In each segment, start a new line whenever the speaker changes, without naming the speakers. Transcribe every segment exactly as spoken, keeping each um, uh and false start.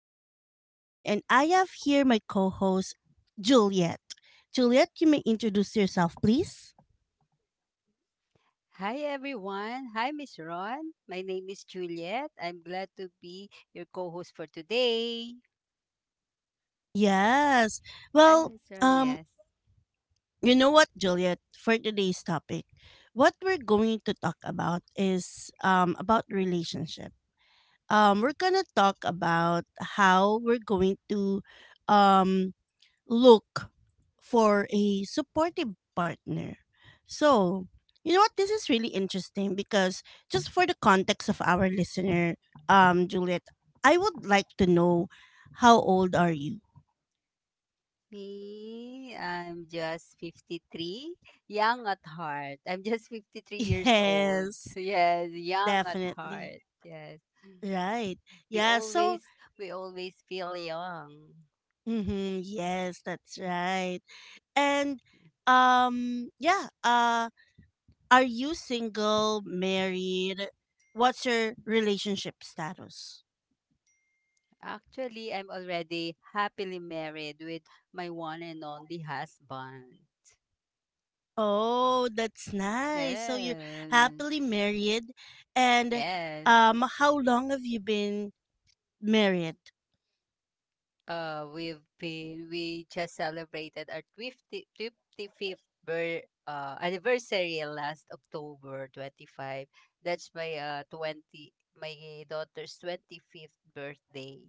host, Ron, and I have here my co host, Juliet. Juliet, you may introduce yourself, please.
Hi everyone. Hi Miss Ron. My name is Juliet. I'm glad to be your co-host for today.
Yes.
I'm
Well,
Miss Ron,
um,
yes.
you know what, Juliet, for today's topic, what we're going to talk about is um, about relationship. Um, we're going to talk about how we're going to um, look for a supportive partner. So, you know what? This is really interesting because just for the context of our listener, um, Juliet, I would like to know how old are you?
Me, I'm just fifty-three, young at heart. I'm just fifty-three years old.
Yes,
Yes, young at
definitely.
heart. Yes.
Right.
We
Yeah. So,
always we always feel young.
mm-hmm, yes, that's right. And, um, yeah. Uh, are you single, married? What's your relationship status?
Actually, I'm already happily married with my one and only husband.
Oh, that's nice. So you're
Yes.
happily married. And
Yes.
um how long have you been married?
uh we've been we just celebrated our fifty fifty-fifth bir- uh, anniversary last October twenty-fifth. That's my uh twenty my daughter's twenty-fifth birthday.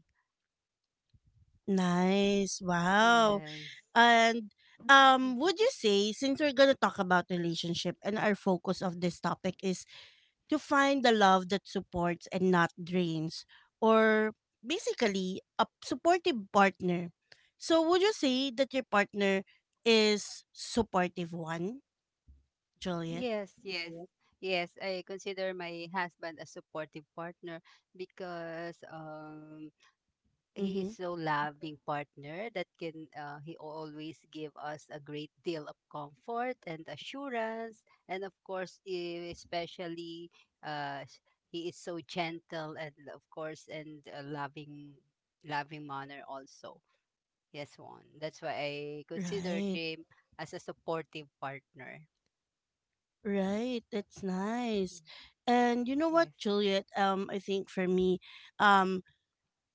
Nice. Wow.
Yes.
And um
Yes.
would you say, since we're going to talk about relationship and our focus of this topic is to find the love that supports and not drains, or
Yes.
basically a supportive partner. So would you say that your partner is supportive one, Juliet?
Yes, yes. Yeah. Yes, I consider my husband a supportive partner because um he is
Mhm.
so loving partner that can uh, he always give us a great deal of comfort and assurance, and of course, e- especially, uh, s- he is so gentle, and of course, and uh, loving, loving manner also. Yes, one, that's why I considered
Right,
him as a supportive partner.
right. That's nice. And you know what,
Yes,
Juliet? Um, I think for me, um,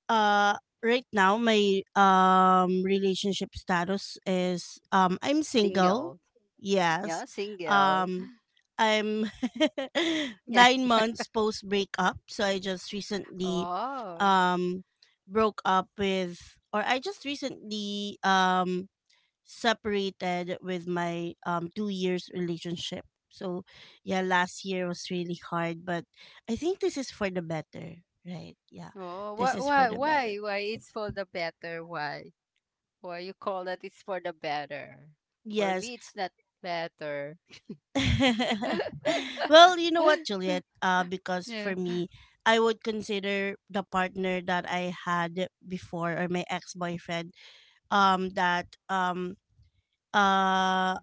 uh, right now my um relationship status is um I'm single.
single. Yeah,
Yes.
single.
Um, I'm
yeah.
nine months post breakup, so I just recently,
Oh.
um, broke up with, or I just recently um separated with my um two years relationship. So yeah, last year was really hard, but I think this is for the better, right? Yeah.
Oh,
This
why,
is for
why,
the
why,
better.
why? It's for the better. Why? Well, you call that it's for the better. For me,
Yes.
it's not better.
well, you know what, Juliet, uh because
yeah.
for me, I would consider the partner that I had before, or my ex-boyfriend, um that um uh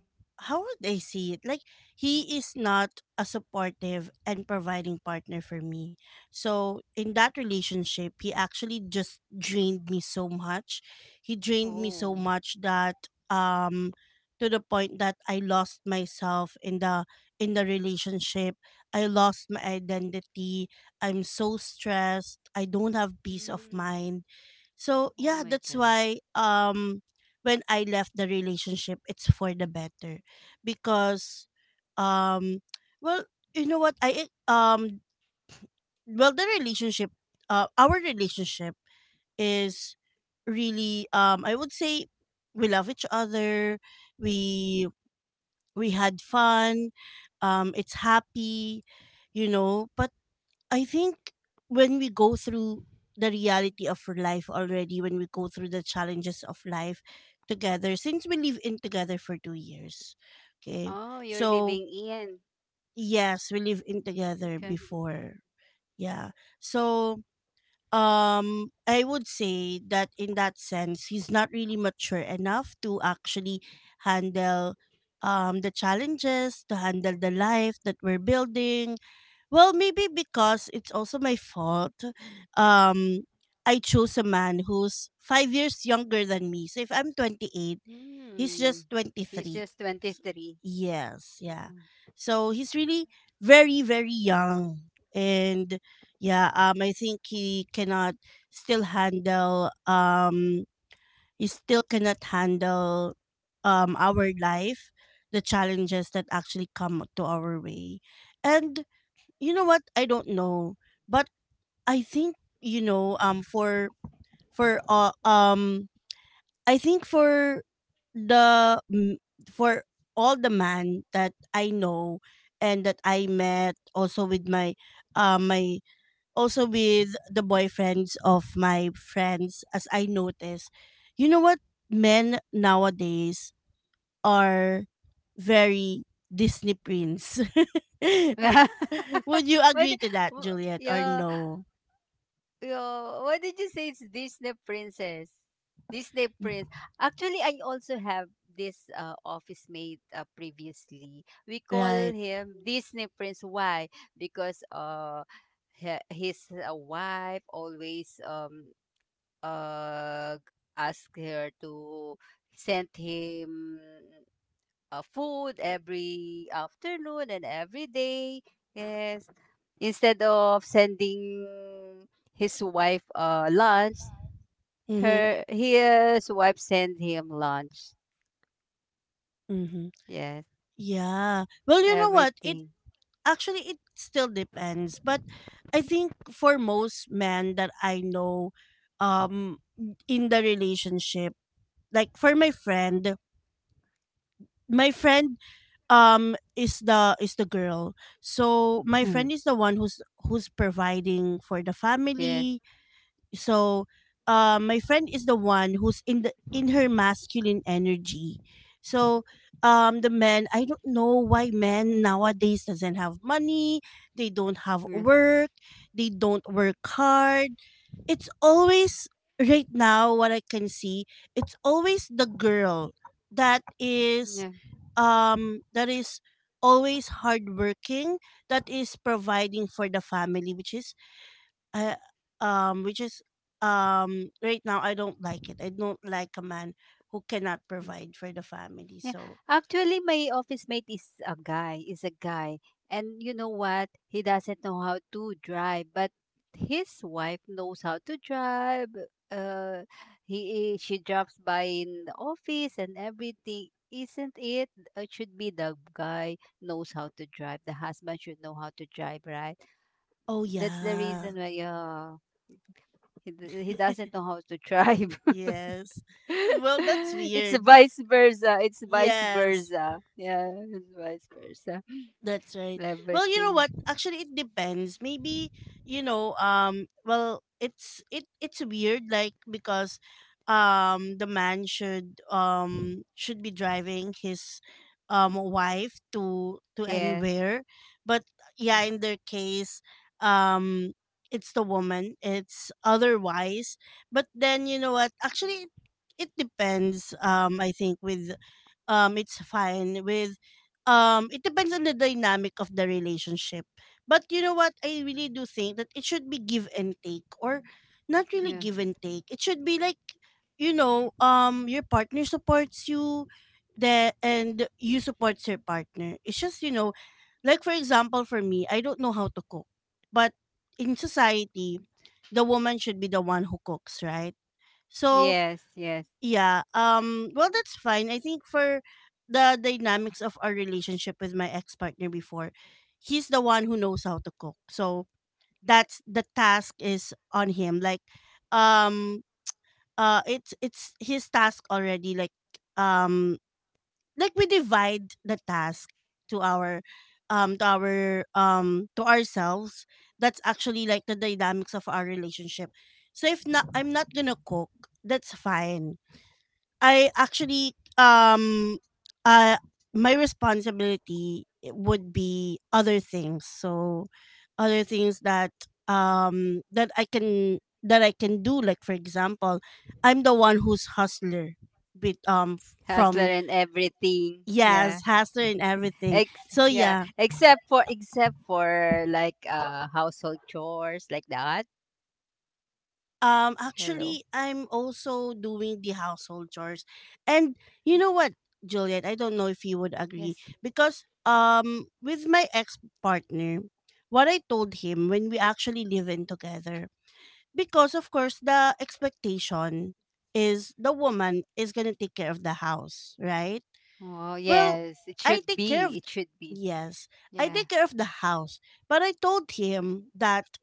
how would I see it? Like, he is not a supportive and providing partner for me. So in that relationship, he actually just drained me so much. He drained me so
Oh.
much that um to the point that I lost myself in the in the relationship. I lost my identity. I'm so stressed. I don't have peace of
Mm.
mind, so
Oh
yeah,
my
that's
God.
why um when I left the relationship, it's for the better because um well, you know what, I um well, the relationship, uh our relationship, is really, um I would say, we love each other. We we had fun. Um it's happy, you know, but I think when we go through the reality of life already, when we go through the challenges of life together, since we live in together for two years, okay,
Oh, you're
so
living in.
yes, we live in together
Okay.
before, yeah, so um I would say that, in that sense, he's not really mature enough to actually handle um the challenges, to handle the life that we're building. Well, maybe because it's also my fault. Um, I chose a man who's five years younger than me. So if I'm twenty-eight, he's
Hmm.
just
It's
twenty-three.
just
S-
twenty-three.
Yes, yeah.
Mhm.
So he's really very, very young. And yeah, um, I think he cannot still handle, um, he still cannot handle um, our life, the challenges that actually come to our way. And you know what, I don't know, but I think, you know, um for for uh, um I think for the m- for all the man that I know, and that I met, also with my uh, my, also with the boyfriends of my friends, as I notice, you know what, men nowadays are very Disney prince. Would you
Why? di-
agree to that,
w-
Juliet, or
yeah.
no?
Yo, what did you say, it's Disney Princess? Disney Prince. Actually, I also have this uh, office mate uh, previously. We call
Right.
him Disney Prince. Why? Because uh, he- his uh, wife always um uh ask her to send him uh, food every afternoon and every day. Yes. Instead of sending his wife uh, lunch,
Mm-hmm.
her his wife send him lunch.
Mm-hmm.
Yes.
Yeah. Well, you know what? It
Everything.
actually it still depends, but I think for most men that I know, um, in the relationship, like for my friend, my friend um is the is the girl. So my friend is the one who's who's providing for the
yes.
family. So, uh, my friend is the one who's in the in her masculine energy. So, um, the men, I don't know why men nowadays doesn't have money. They don't have
Yes.
work. They don't work hard. It's always, right now what I can see, it's always the girl that is,
Yeah.
um, that is always hardworking, that is providing for the family, which is, I, um, which is um right now, I don't like it. I don't like a man who cannot
Mm.
provide for the family.
Yeah.
So
Actually, my office mate is a guy, is a guy. And you know what? He doesn't know how to drive, but his wife knows how to drive. uh, he i- she drops by in the office and everything. Isn't it? It should be the guy knows how to drive. The husband should know how to drive, right?
oh
That's the
yeah.
reason why uh, he, d- he doesn't know how to drive.
Yes. Well, that's
It's
weird.
vice versa. It's vice
Yes.
versa. Yeah, it's vice versa.
That's right. Well, you know
Everything.
what? Actually, it depends. Maybe you know. Um. Well, it's it it's weird, like, because, um, the man should um should be driving his, um, wife to to
Yes.
anywhere, but yeah, in
Yes.
their case, um, it's the woman. It's otherwise, but then, you know what? Actually, it depends. Um, I think with um it's fine, with um it depends on the dynamic of the relationship, but you know what, I really do think that it should be give and take, or not really
Yeah.
give and take, it should be like, you know, um your partner supports you, the and you support your partner. It's just, you know, like, for example, for me, I don't know how to cook, but in society the woman should be the one who cooks, right? So
Yes. Yes.
yeah. Um well, that's fine. I think for the dynamics of our relationship with my ex-partner before, he's the one who knows how to cook. So that's, the task is on him. Like, um uh it's it's his task already. Like, um like, we divide the task to our, um to our um to ourselves. That's actually like the dynamics of our relationship. So if not, I'm not going to cook. That's fine. I actually, um uh my responsibility, eh, would be other things. So other things that um that I can that I can do, like for example, I'm the one who's hustler with um f- from,
Hustler and everything.
yes,
Yeah.
hustler and everything.
Ex
So yeah,
Yeah, except for except for like uh household chores like that.
Um, actually,
Hello.
I'm also doing the household chores. And you know what, Juliet, I don't know if you would agree,
Yes.
because um with my ex-partner, what I told him when we actually live in together, because of course the expectation is the woman is going to take care of the house, right?
Oh
Well,
yes, it
I take
should
care of
be. It should be.
yes, I take
Yeah.
care of the house, but I told him that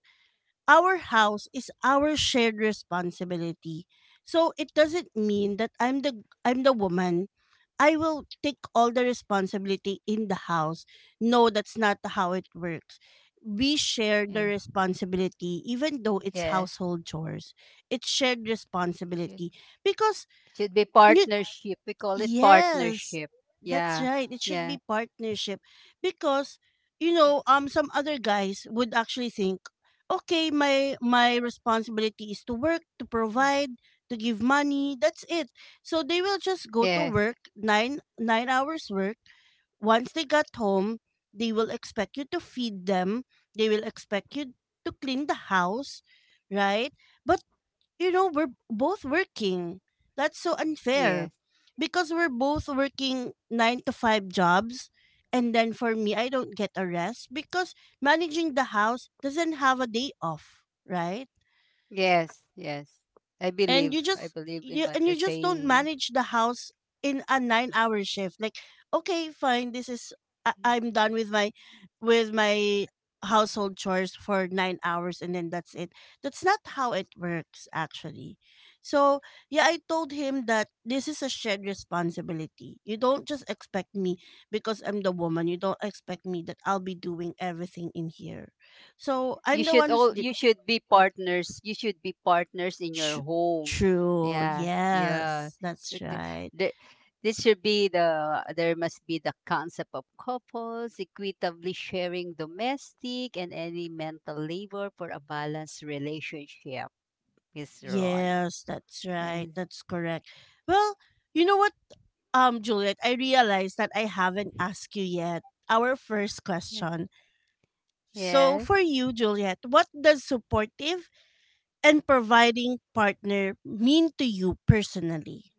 our house is our shared responsibility. So it doesn't mean that I'm the I'm the woman, I will take all the responsibility in the house. No, that's not how it works. We share the
Yeah.
responsibility, even though it's
Yes.
household chores. It's shared
It should be.
responsibility, because
It should be
you,
partnership. We call it
yes,
partnership.
that's
Yeah.
right. It should
Yeah.
be partnership because, you know, um some other guys would actually think, okay, my my responsibility is to work, to provide, to give money. That's it. So they will just go to
Yes.
work, nine nine hours work. Once they got home, they will expect you to feed them. They will expect you to clean the house, right? But, you know, we're both working. That's so unfair,
Yes.
because we're both working nine to five jobs. And then for me, I don't get a rest, because managing the house doesn't have a day off, right?
Yes. Yes. I
And
believe.
you just
I believe in
you,
what
and
you're
you just don't
saying.
manage the house in a nine hour shift. Like, okay, fine, this is, I, I'm done with my with my household chores for nine hours, and then that's it. That's not how it works, actually. So yeah, I told him that this is a shared responsibility. You don't just expect me, because I'm the woman, you don't expect me that I'll be doing everything in here. So
You
I'm the
should
one who's,
all you should be partners. You should be partners in
Sh-
your home.
true.
Yeah.
Yes,
Yeah.
that's
Th- th-
right.
the- This should be the there must be the concept of couples equitably sharing domestic and any mental labor for a balanced relationship, Miss Ron.
Yes, that's right.
Yes.
That's correct. Well, you know what, um, Juliet, I realized that I haven't asked you yet our first
Yeah.
question. So, for
Yes.
you, Juliet, what does supportive and providing partner mean to you personally?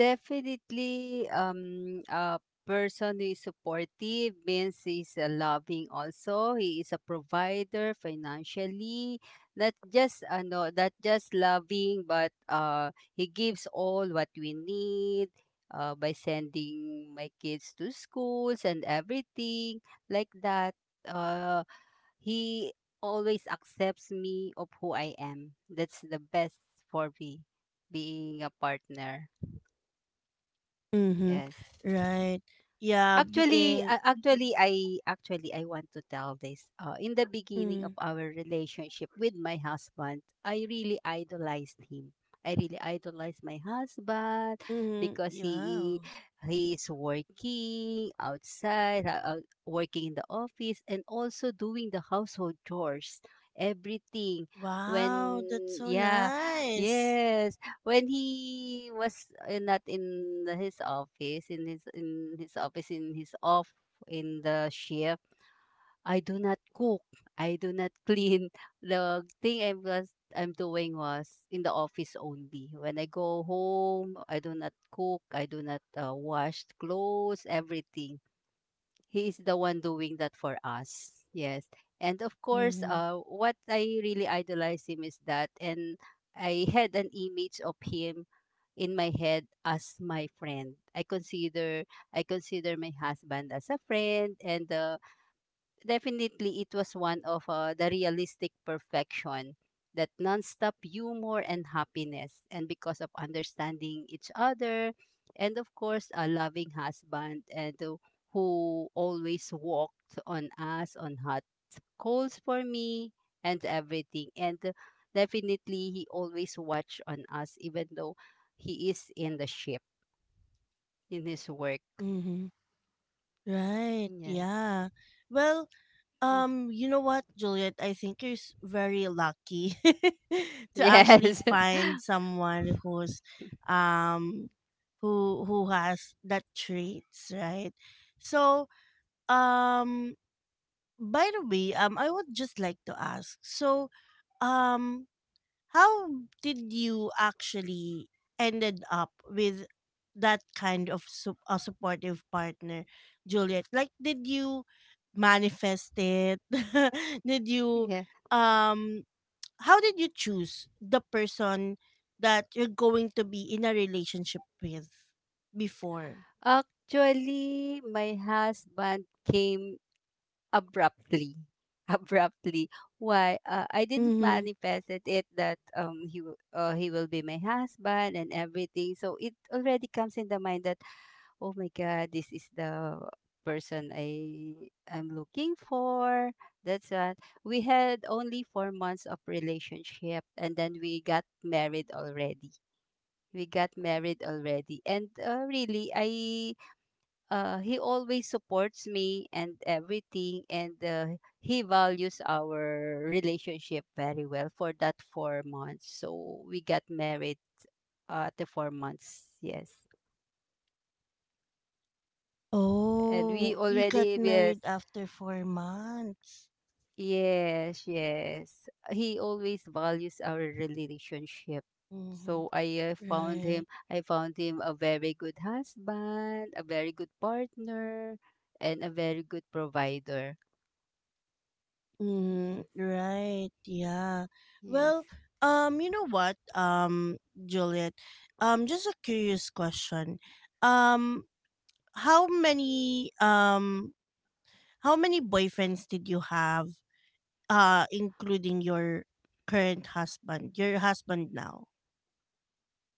Definitely, um, a person who is supportive means he's uh, loving also. He is a provider financially, not just ano, not just loving, but uh, he gives all what we need uh, by sending my kids to schools and everything like that. Uh, he always accepts me of who I am. That's the best for me, being a partner.
Mm-hmm.
Yes.
Right. Yeah,
Actually,
being.
uh, actually, I actually I want to tell this. Uh, in the beginning of
Mm,
our relationship with my husband, I really idolized him. I really idolized my husband
mm,
because he
wow.
he is working outside, uh, uh, working in the office, and also doing the household chores, everything. When
Wow, that's so
Yeah,
nice.
yes, when he was uh, not in the- his office in his in his office in his off in the shift, I do not cook, I do not clean. The thing i was i'm doing was in the office. Only when I go home, I do not cook, I do not uh, wash clothes, everything. He is the one doing that for us. Yes. And of course,
Mm-hmm.
uh, what I really idolize him is that. And I had an image of him in my head as my friend. I consider I consider my husband as a friend, and uh, definitely it was one of uh, the realistic perfection, that nonstop humor and happiness, and because of understanding each other, and of course a loving husband, and who who always walked on us on hot coals for me and everything. And uh, definitely he always watched on us even though he is in the ship, in his work.
Mm-hmm. Right.
Yes.
Yeah. Well,
Yes.
um, you know what, Juliet? I think you're s- very lucky to actually
yes.
find someone who's, um, who who has that traits, right? So, um, by the way, um, I would just like to ask. So, um, how did you actually ended up with that kind of su- a supportive partner, Juliet? Like, did you manifest it? did you
Yeah.
um? How did you choose the person that you're going to be in a relationship with before?
Actually, my husband came abruptly. Abruptly. Why? Uh, I didn't
Mm-hmm.
manifest it it, that um he w- uh, he will be my husband and everything. So it already comes in the mind that, "Oh my God, this is the person I am looking for." That's what. We had only four months of relationship, and then we got married already. We got married already, and uh, really, I uh, he always supports me and everything, and uh, he values our relationship very well for that four months. So we got married uh, after four months. Yes, and we
Oh, you got
already yes.
married after four months.
Yes, yes. He always values our relationship.
Mm-hmm.
So I uh, found him,
Right.
I found him a very good husband, a very good partner, and a very good provider.
Mm,
Yes,
right. Yeah.
yes.
Well, um, you know what, um, Juliet, um, just a curious question. Um, how many, um, how many boyfriends did you have, uh, including your current husband, your husband now,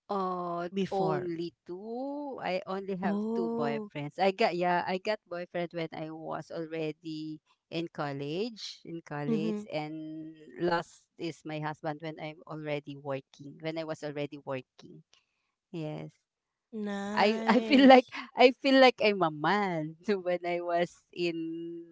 Uh,
before?
only two. I only have two
Oh,
boyfriends. I got, yeah, I got boyfriend when I was already in college, in
mm-hmm.
college, and last is my husband when I'm already working, when I was already working. Yes. I I feel like
Nice.
I feel like I'm a man when I was in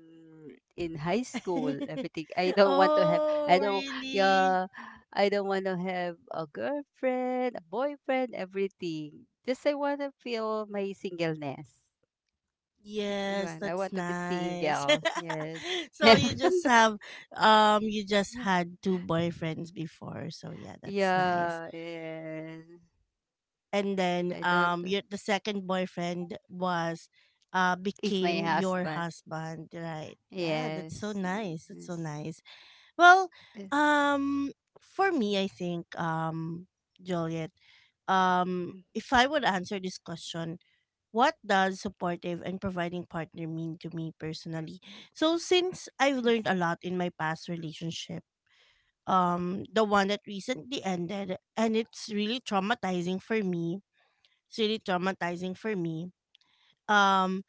in high school. Everything I don't want to
oh,
have. I don't
really?
Yeah. I don't want to have a girlfriend, a boyfriend, everything. Just I want to feel my singleness.
Yes,
Yun, I
that's
want to be
nice.
single. Yes.
so
yeah.
you just have, um you just had two boyfriends before. So yeah, that's nice.
Yes.
And then,
I don't.
um your the second boyfriend was uh
It's my
became your
husband.
husband, right? Yeah, that's so
Yes. Mm,
nice. That's so
yes.
nice. Well,
eh,
um for me I think um Juliet, um
eh,
if I would answer this question, what does supportive and providing partner mean to me personally? So since I've learned
Yes.
a lot in my past relationship, um the one that recently ended and it's really traumatizing for me. It's really traumatizing for me. Um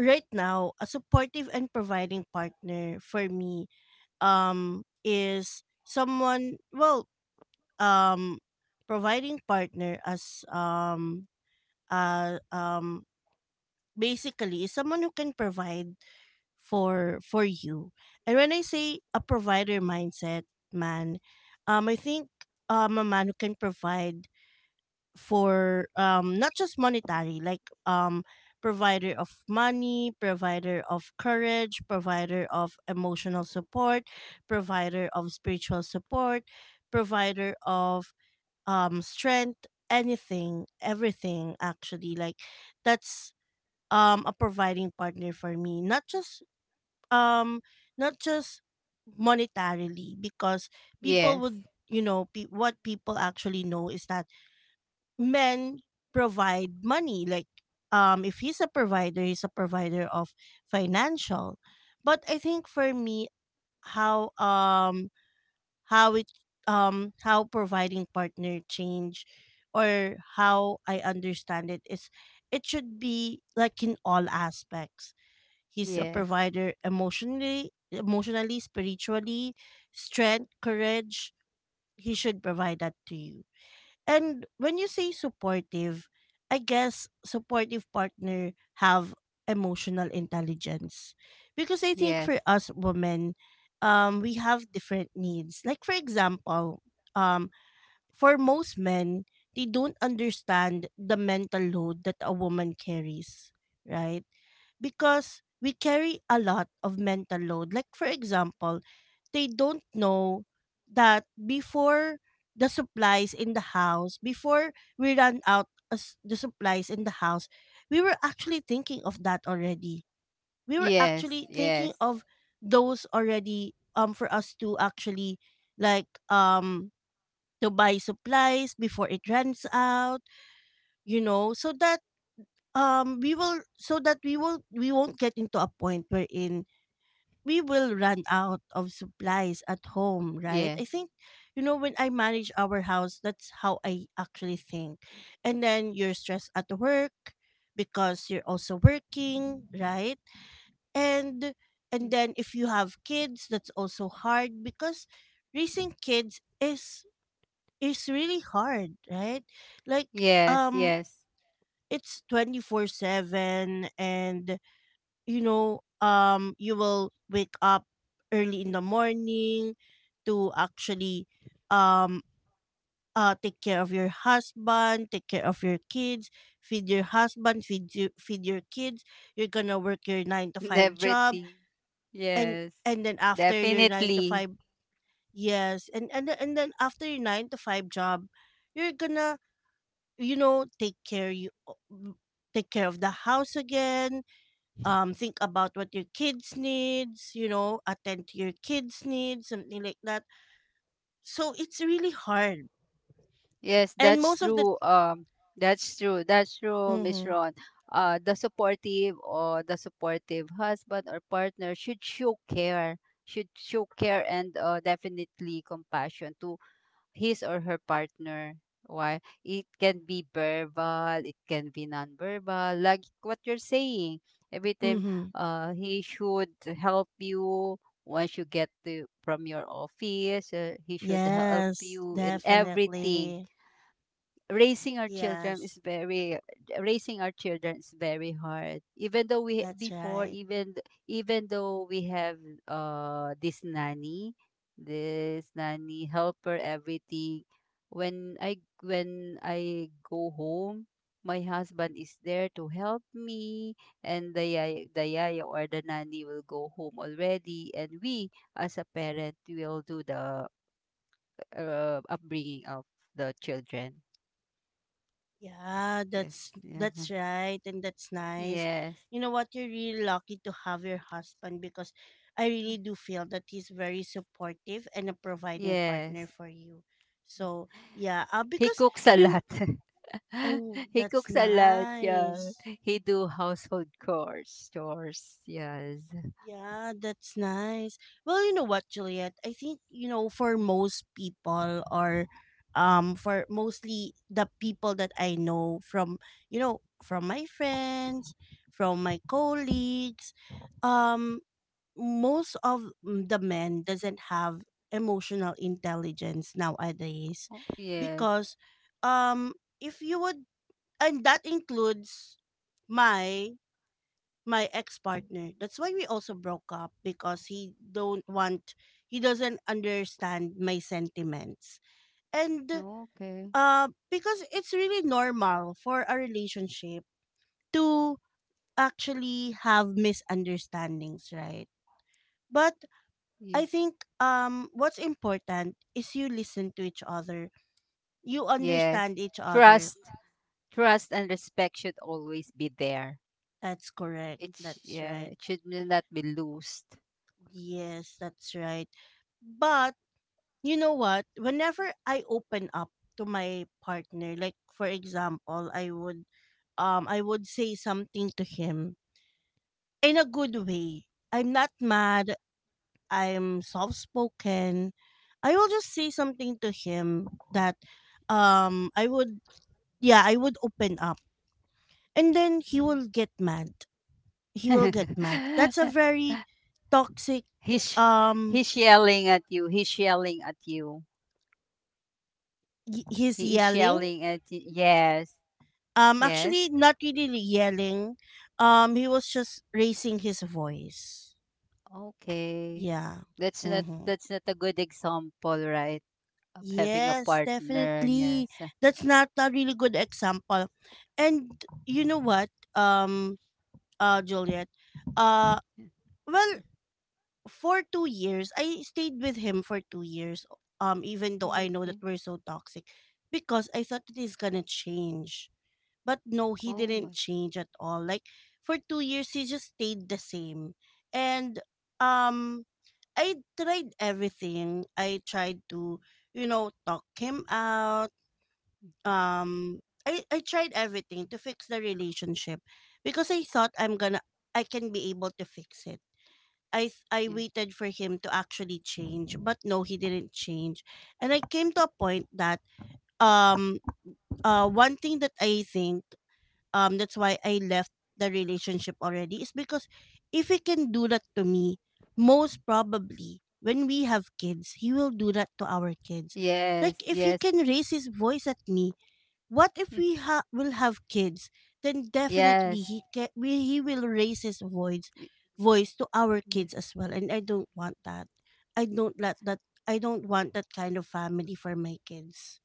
right now, a supportive and providing partner for me um is someone, well, um providing partner as um uh um basically is someone who can provide for for you. And when I say a provider mindset, man, um, I think um, a man who can provide for um, not just monetary, like, um, provider of money, provider of courage, provider of emotional support, provider of spiritual support, provider of um, strength, anything, everything actually. Like that's um a providing partner for me, not just um not just monetarily, because people
Yes.
would, you know, pe- what people actually know is that men provide money. Like um if he's a provider, he's a provider of financial. But I think for me, how um how it um how providing partner change or how I understand it is it should be like in all aspects. He's a
Yes.
provider emotionally, emotionally, spiritually, strength, courage. He should provide that to you. And when you say supportive, I guess supportive partner have emotional intelligence. Because I think for
Yes.
us women, um, we have different needs. Like for example, um, for most men, they don't understand the mental load that a woman carries, right? Because we carry a lot of mental load. Like, for example, they don't know that before the supplies in the house, before we ran out as the supplies in the house, we were actually thinking of that already. We were
Yes.
actually thinking
Yes.
of those already, um for us to actually, like, um to buy supplies before it runs out, you know, so that um we will, so that we will, we won't get into a point wherein we will run out of supplies at home, right?
Yeah.
I think, you know, when I manage our house, that's how I actually think. And then you're stressed at work because you're also working, right? and and then if you have kids, that's also hard, because raising kids is is really hard, right? Like
Yes.
um
Yes.
it's twenty-four seven. And you know, um, you will wake up early in the morning to actually um uh take care of your husband, take care of your kids, feed your husband, feed you, feed your kids. You're gonna work your nine to five job,
Everything.
and
Yes.
and then after your nine to
Definitely.
five, yes, and and then- and then after your nine to five job, you're gonna, you know, take care, you take care of the house again, um think about what your kids needs, you know, attend to your kids needs, something like that. So it's really hard
Yes,
and
that's
most of the
true. Um that's true. That's true, Miss
mm-hmm,
Ron. Uh the supportive, or the supportive husband or partner, should show care. Should show care, and uh definitely compassion to his or her partner. Why? It can be verbal, it can be non-verbal, like what you're saying. Every time
mm-hmm.
uh, he should help you once you get to, from your office, uh, he should help
Yes,
you in everything.
definitely.
raising our children
Yes,
is very Raising our children is very hard, even though we
that's
before,
right.
even th- even though we have uh this nanny, this nanny helper, everything. When I when I go home, my husband is there to help me, and the yaya, the yaya or the nanny will go home already, and we as a parent will do the uh, upbringing of the children.
Yeah,
Yes,
that's
yes,
that's
um,
right. And that's nice.
yes,
You know what, you're really lucky to have your husband because I
yes,
really do feel that he's very supportive and a providing partner
yes.
for you.
Yeah.
So yeah, uh,
He
because
cooks a
you know,
lot.
oh,
He
that's
cooks a lot. Yeah,
nice.
he do household chores. Chores. Yes.
Yeah, that's nice. Well, you know what, Juliet? I think, you know, for most people, or um for mostly the people that I know from, you know, from my friends, from my colleagues, um most of mm, the men doesn't have emotional intelligence nowadays,
Oh, yes.
because um if you would, and that includes my my ex-partner. That's why we also broke up, because he don't want, he doesn't understand my sentiments. And
Okay.
uh because it's really normal for a relationship to actually have misunderstandings, right? But
Ye-
I think um what's important is you listen to each other. You
Yes.
understand each other.
Trust, trust, and respect should always be there.
That's correct.
It sh-
That's
yeah,
right.
it should not be loosed.
Yes, that's right. But you know what? Whenever I open up to my partner, like for example, I would um I would say something to him in a good way. I'm not mad, I'm soft spoken. I will just say something to him that um I would, yeah, I would open up. And then he
Mm.
will get mad. He will get mad. That's a very toxic
he's
um
he's yelling at you. He's yelling at you.
y- he's
He is
yelling.
yelling at y yes,
Um,
yes.
actually, not really yelling. Um, he was just raising his voice.
Okay.
Yeah.
That's not
Mm-hmm.
that's not a good example, right? Of having a
Yes,
partner.
definitely.
Yes.
That's not a really good example. And you know what, um, uh, Juliet, uh,
Yeah.
well, for two years, I stayed with him for two years. Um, even though I know that
Okay.
we're so toxic, because I thought that he's gonna change. But no, he
Oh my.
didn't change at all. Like for two years, he just stayed the same. And um, I tried everything. I tried to, you know, talk him out. Um, I I tried everything to fix the relationship, because I thought I'm gonna, I can be able to fix it. I th- I
Yeah.
waited for him to actually change, but no, he didn't change. And I came to a point that um uh one thing that I think um that's why I left the relationship already is because if he can do that to me, most probably when we have kids, he will do that to our kids.
Yes.
If he
Yes.
can raise his voice at me, what if
Mm,
we ha- will have kids? Then definitely
yes.
he ca- we, he will raise his voice,
y-
voice to our kids
Yes.
as well, and I don't want that. I don't let that. I don't want that kind of family for my kids.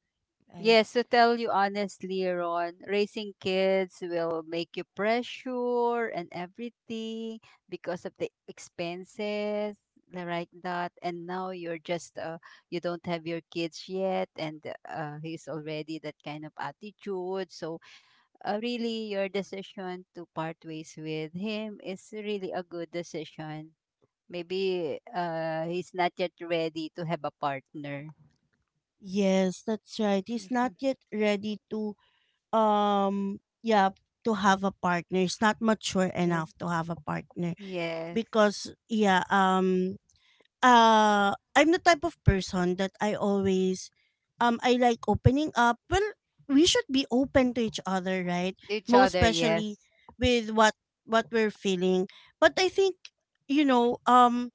Right.
Yes, to tell you honestly, Ron, raising kids will make you pressure and everything because of the expenses, the like that. And now you're just uh, you don't have your kids yet, and uh, he's already that kind of attitude. So uh, really, your decision to part ways with him is really a good decision. Maybe uh, he's not yet ready to have a partner.
Yes, that's right. He's not
Awesome.
yet ready to um yeah, to have a partner. It's not mature
Yes.
enough to have a partner,
Yes.
because yeah, um uh I'm the type of person that I always um I like opening up. Well, we should be open to each other, right?
Each
Most
other,
especially
yes.
with what what we're feeling. But I think, you know, um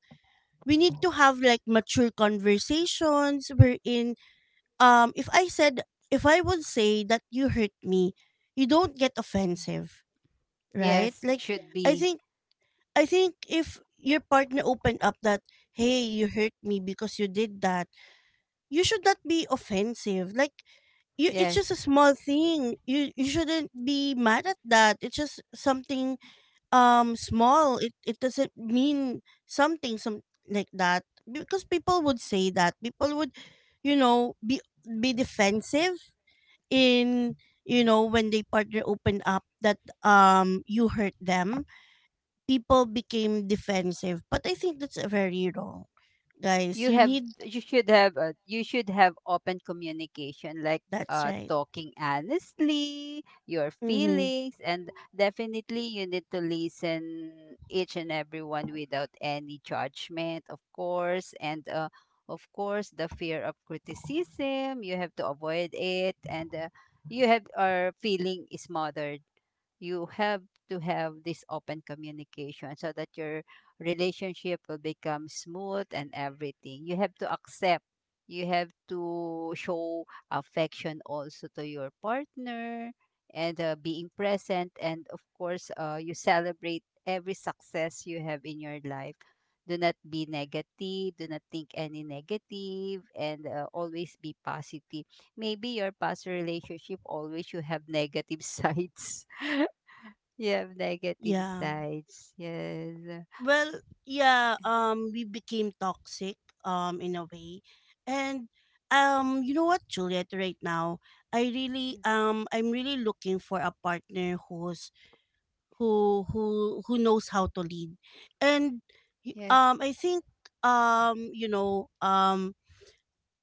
we need to have like mature conversations wherein um if I said, if I would say that you hurt me, you don't get offensive, right?
Yes, it
Like
should
I
be.
think, I think if your partner opened up that, hey, you hurt me because you did that, you should not be offensive. Like you, it's
Yes.
just a small thing, you you shouldn't be mad at that. It's just something um small, it it doesn't mean something, some, like that. Because people would say that, people would, you know, be be defensive in, you know, when they partner opened up that um you hurt them, people became defensive. But I think that's a very wrong. Guys,
you
you
have
need
you should have, uh, you should have open communication, like
that's
uh,
right.
talking honestly your
Mm-hmm.
feelings, and definitely you need to listen each and everyone without any judgment, of course, and uh, of course the fear of criticism you have to avoid it. And uh, you have are feeling is smothered, you have to have this open communication so that your relationship will become smooth and everything. You have to accept. You have to show affection also to your partner, and uh, being present. And of course, uh, you celebrate every success you have in your life. Do not be negative. Do not think any negative, and uh, always be positive. Maybe your past relationship always you have negative sides. You have negative
Yeah.
sides. Yes.
Well, yeah, um we became toxic um in a way. And um you know what, Juliet, right now, I really um I'm really looking for a partner who's, who who who knows how to lead. And y-
Yes.
um I think um you know, um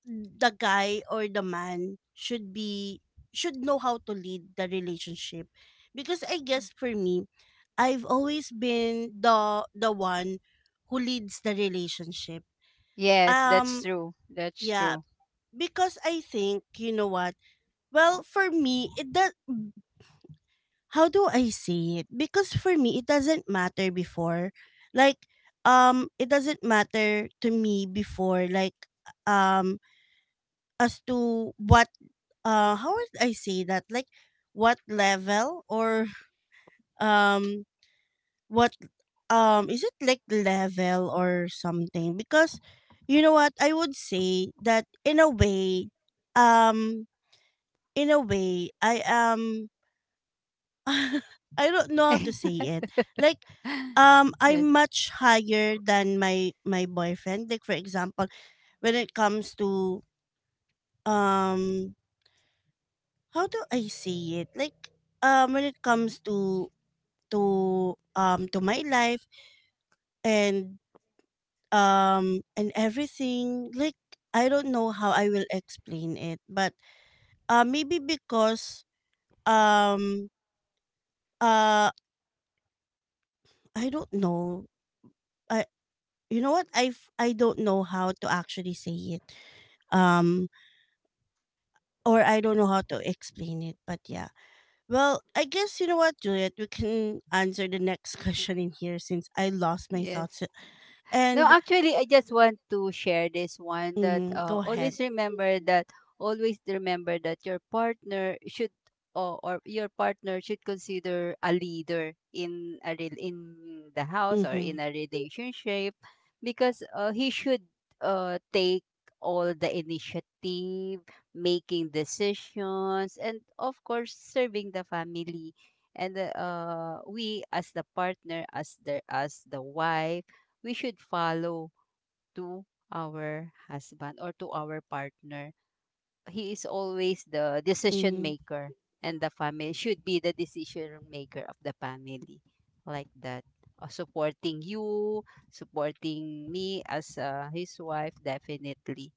the guy or the man should be, should know how to lead the relationship, because I
Yeah.
guess for me, I've always been the the one who leads the relationship.
Yes, that's
um
true. That's
yeah,
true.
because I think, you know what, well, for me it does, how do I say it? Because for me, it doesn't matter before. Like, um, it doesn't matter to me before, like, um, as to what, uh, how would I say that? Like, what level or, um, what, um, is it like level or something? Because, you know what, I would say that in a way, um, in a way, I am, I don't know how to say it. Like, um,
yes.
I'm much higher than my my boyfriend. Like for example, when it comes to um, how do I say it? Like, um, when it comes to to um to my life and um and everything. Like, I don't know how I will explain it, but uh maybe because um uh I don't know. I. You know what, i f- I don't know how to actually say it, um or I don't know how to explain it, but yeah, well, I guess, you know what, Juliet, we can answer the next question in here since I lost my
yes.
thoughts.
No,
And
actually, I just want to share this one, that
mm-hmm,
uh,
go ahead.
always remember that always remember that your partner should, or, or your partner should consider a leader in a rel- in the house or in
Mm-hmm,
a relationship, because uh, he should uh, take all the initiative, making decisions, and of course serving the family. And uh, we as the partner, as the as the wife, we should follow to our husband or to our partner. He is always the decision
mm-hmm,
maker, and the family should be the decision maker of the family, like that. Uh, supporting you, supporting me as uh, his wife, definitely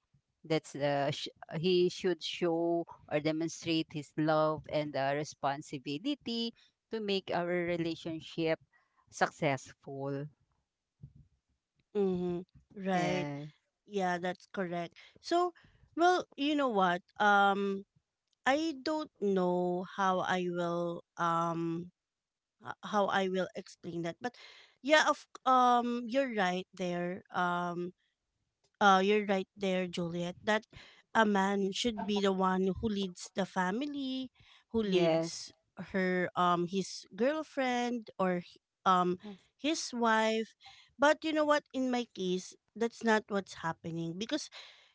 that's the sh- he should show or demonstrate his love and uh, responsibility to make our relationship successful.
mm-hmm. Right.
Yeah.
Yeah, that's correct. So, well, you know what, um I don't know how I will um h- how I will explain that. But yeah, of um, you're right there. Um, uh, you're right there, Juliet. That a man should be the one who leads the family, who
Yes.
leads her um his girlfriend or h- um
Yes.
his wife. But you know what? In my case, that's not what's happening, because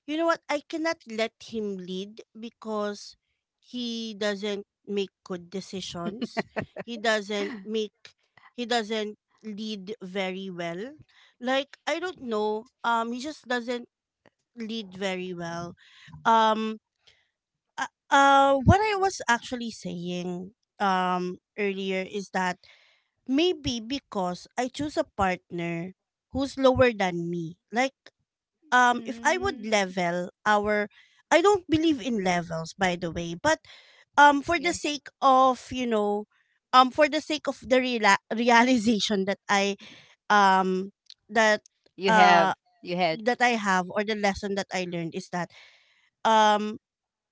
you know what? I cannot let him lead because he doesn't make good decisions. He doesn't make, he doesn't lead very well. Like I don't know. Um he just doesn't lead very well. Um uh, uh what I was actually saying um earlier is that maybe because I choose a partner who's lower than me. Like um if I would
Mm,
level our, I don't believe in levels by the way, but um for the
yes.
sake of, you know, um for the sake of the reala- realization that I um that
You have.
uh
You had.
that I have or the lesson that I learned is that um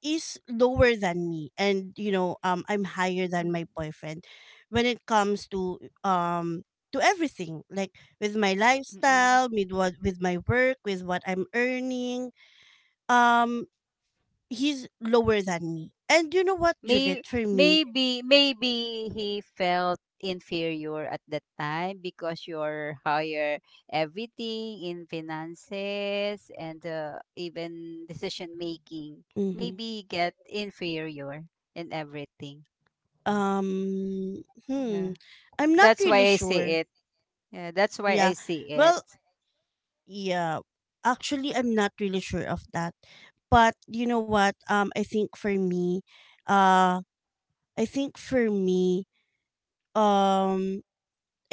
is lower than me. And you know, um I'm higher than
Mm,
my boyfriend when it comes to um to everything, like with my
mm.
lifestyle, with what, with my work, with what I'm earning, um he's lower than me. And you know what,
May,
Juliet, for me,
maybe, maybe he felt inferior at that time because you're higher, everything, in finances and uh, even decision making.
hmm,
Maybe he get inferior in everything.
um hmm,
Yeah.
I'm not
That's why
really
I see
sure.
it. Yeah, that's why
Yeah,
I see it.
well, yeah, actually I'm not really sure of that. But you know what, um I think for me uh I think for me um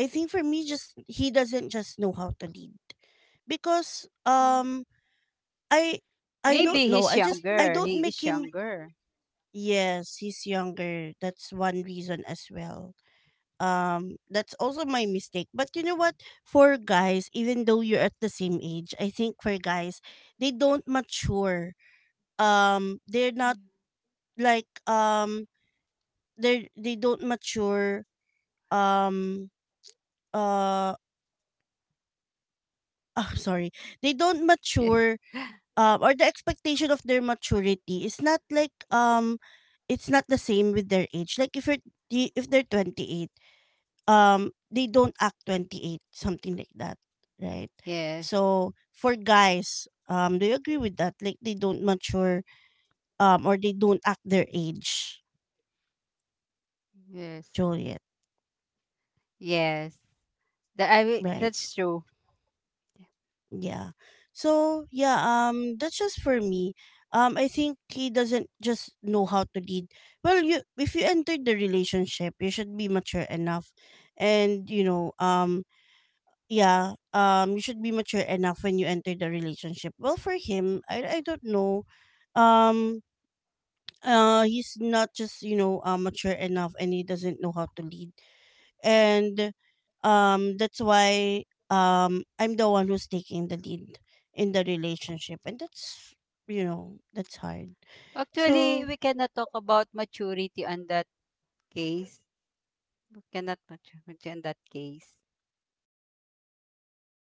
I think for me just, he doesn't just know how to lead, because
Mm.
um I I
Maybe
don't know,
he's
I just, I
younger.
don't
He
make
is
him.
younger.
Yes, he's younger. That's one reason as well. Um, that's also my mistake. But you know what? For guys, even though you're at the same age, I think for guys, they don't mature. Um, they're not like um they they don't mature. Um, uh, oh, sorry, they don't mature. Um, or the expectation of their maturity is not like, um, it's not the same with their age. Like if you're, if they're twenty-eight, um they don't act twenty-eight, something like that, right?
yes,
So for guys, um do you agree with that? Like, they don't mature, um or they don't act their age,
yes,
Juliet?
yes. That I will-
Right.
that's true.
Yeah. So yeah, um that's just for me. um I think he doesn't just know how to lead. Well, you, if you enter the relationship, you should be mature enough. And you know, um yeah, um you should be mature enough when you enter the relationship. Well, for him, i, I don't know, um uh he's not just, you know, uh, mature enough, and he doesn't know how to lead. And um that's why um I'm the one who's taking the lead in the relationship, and that's, you know, that's hard. So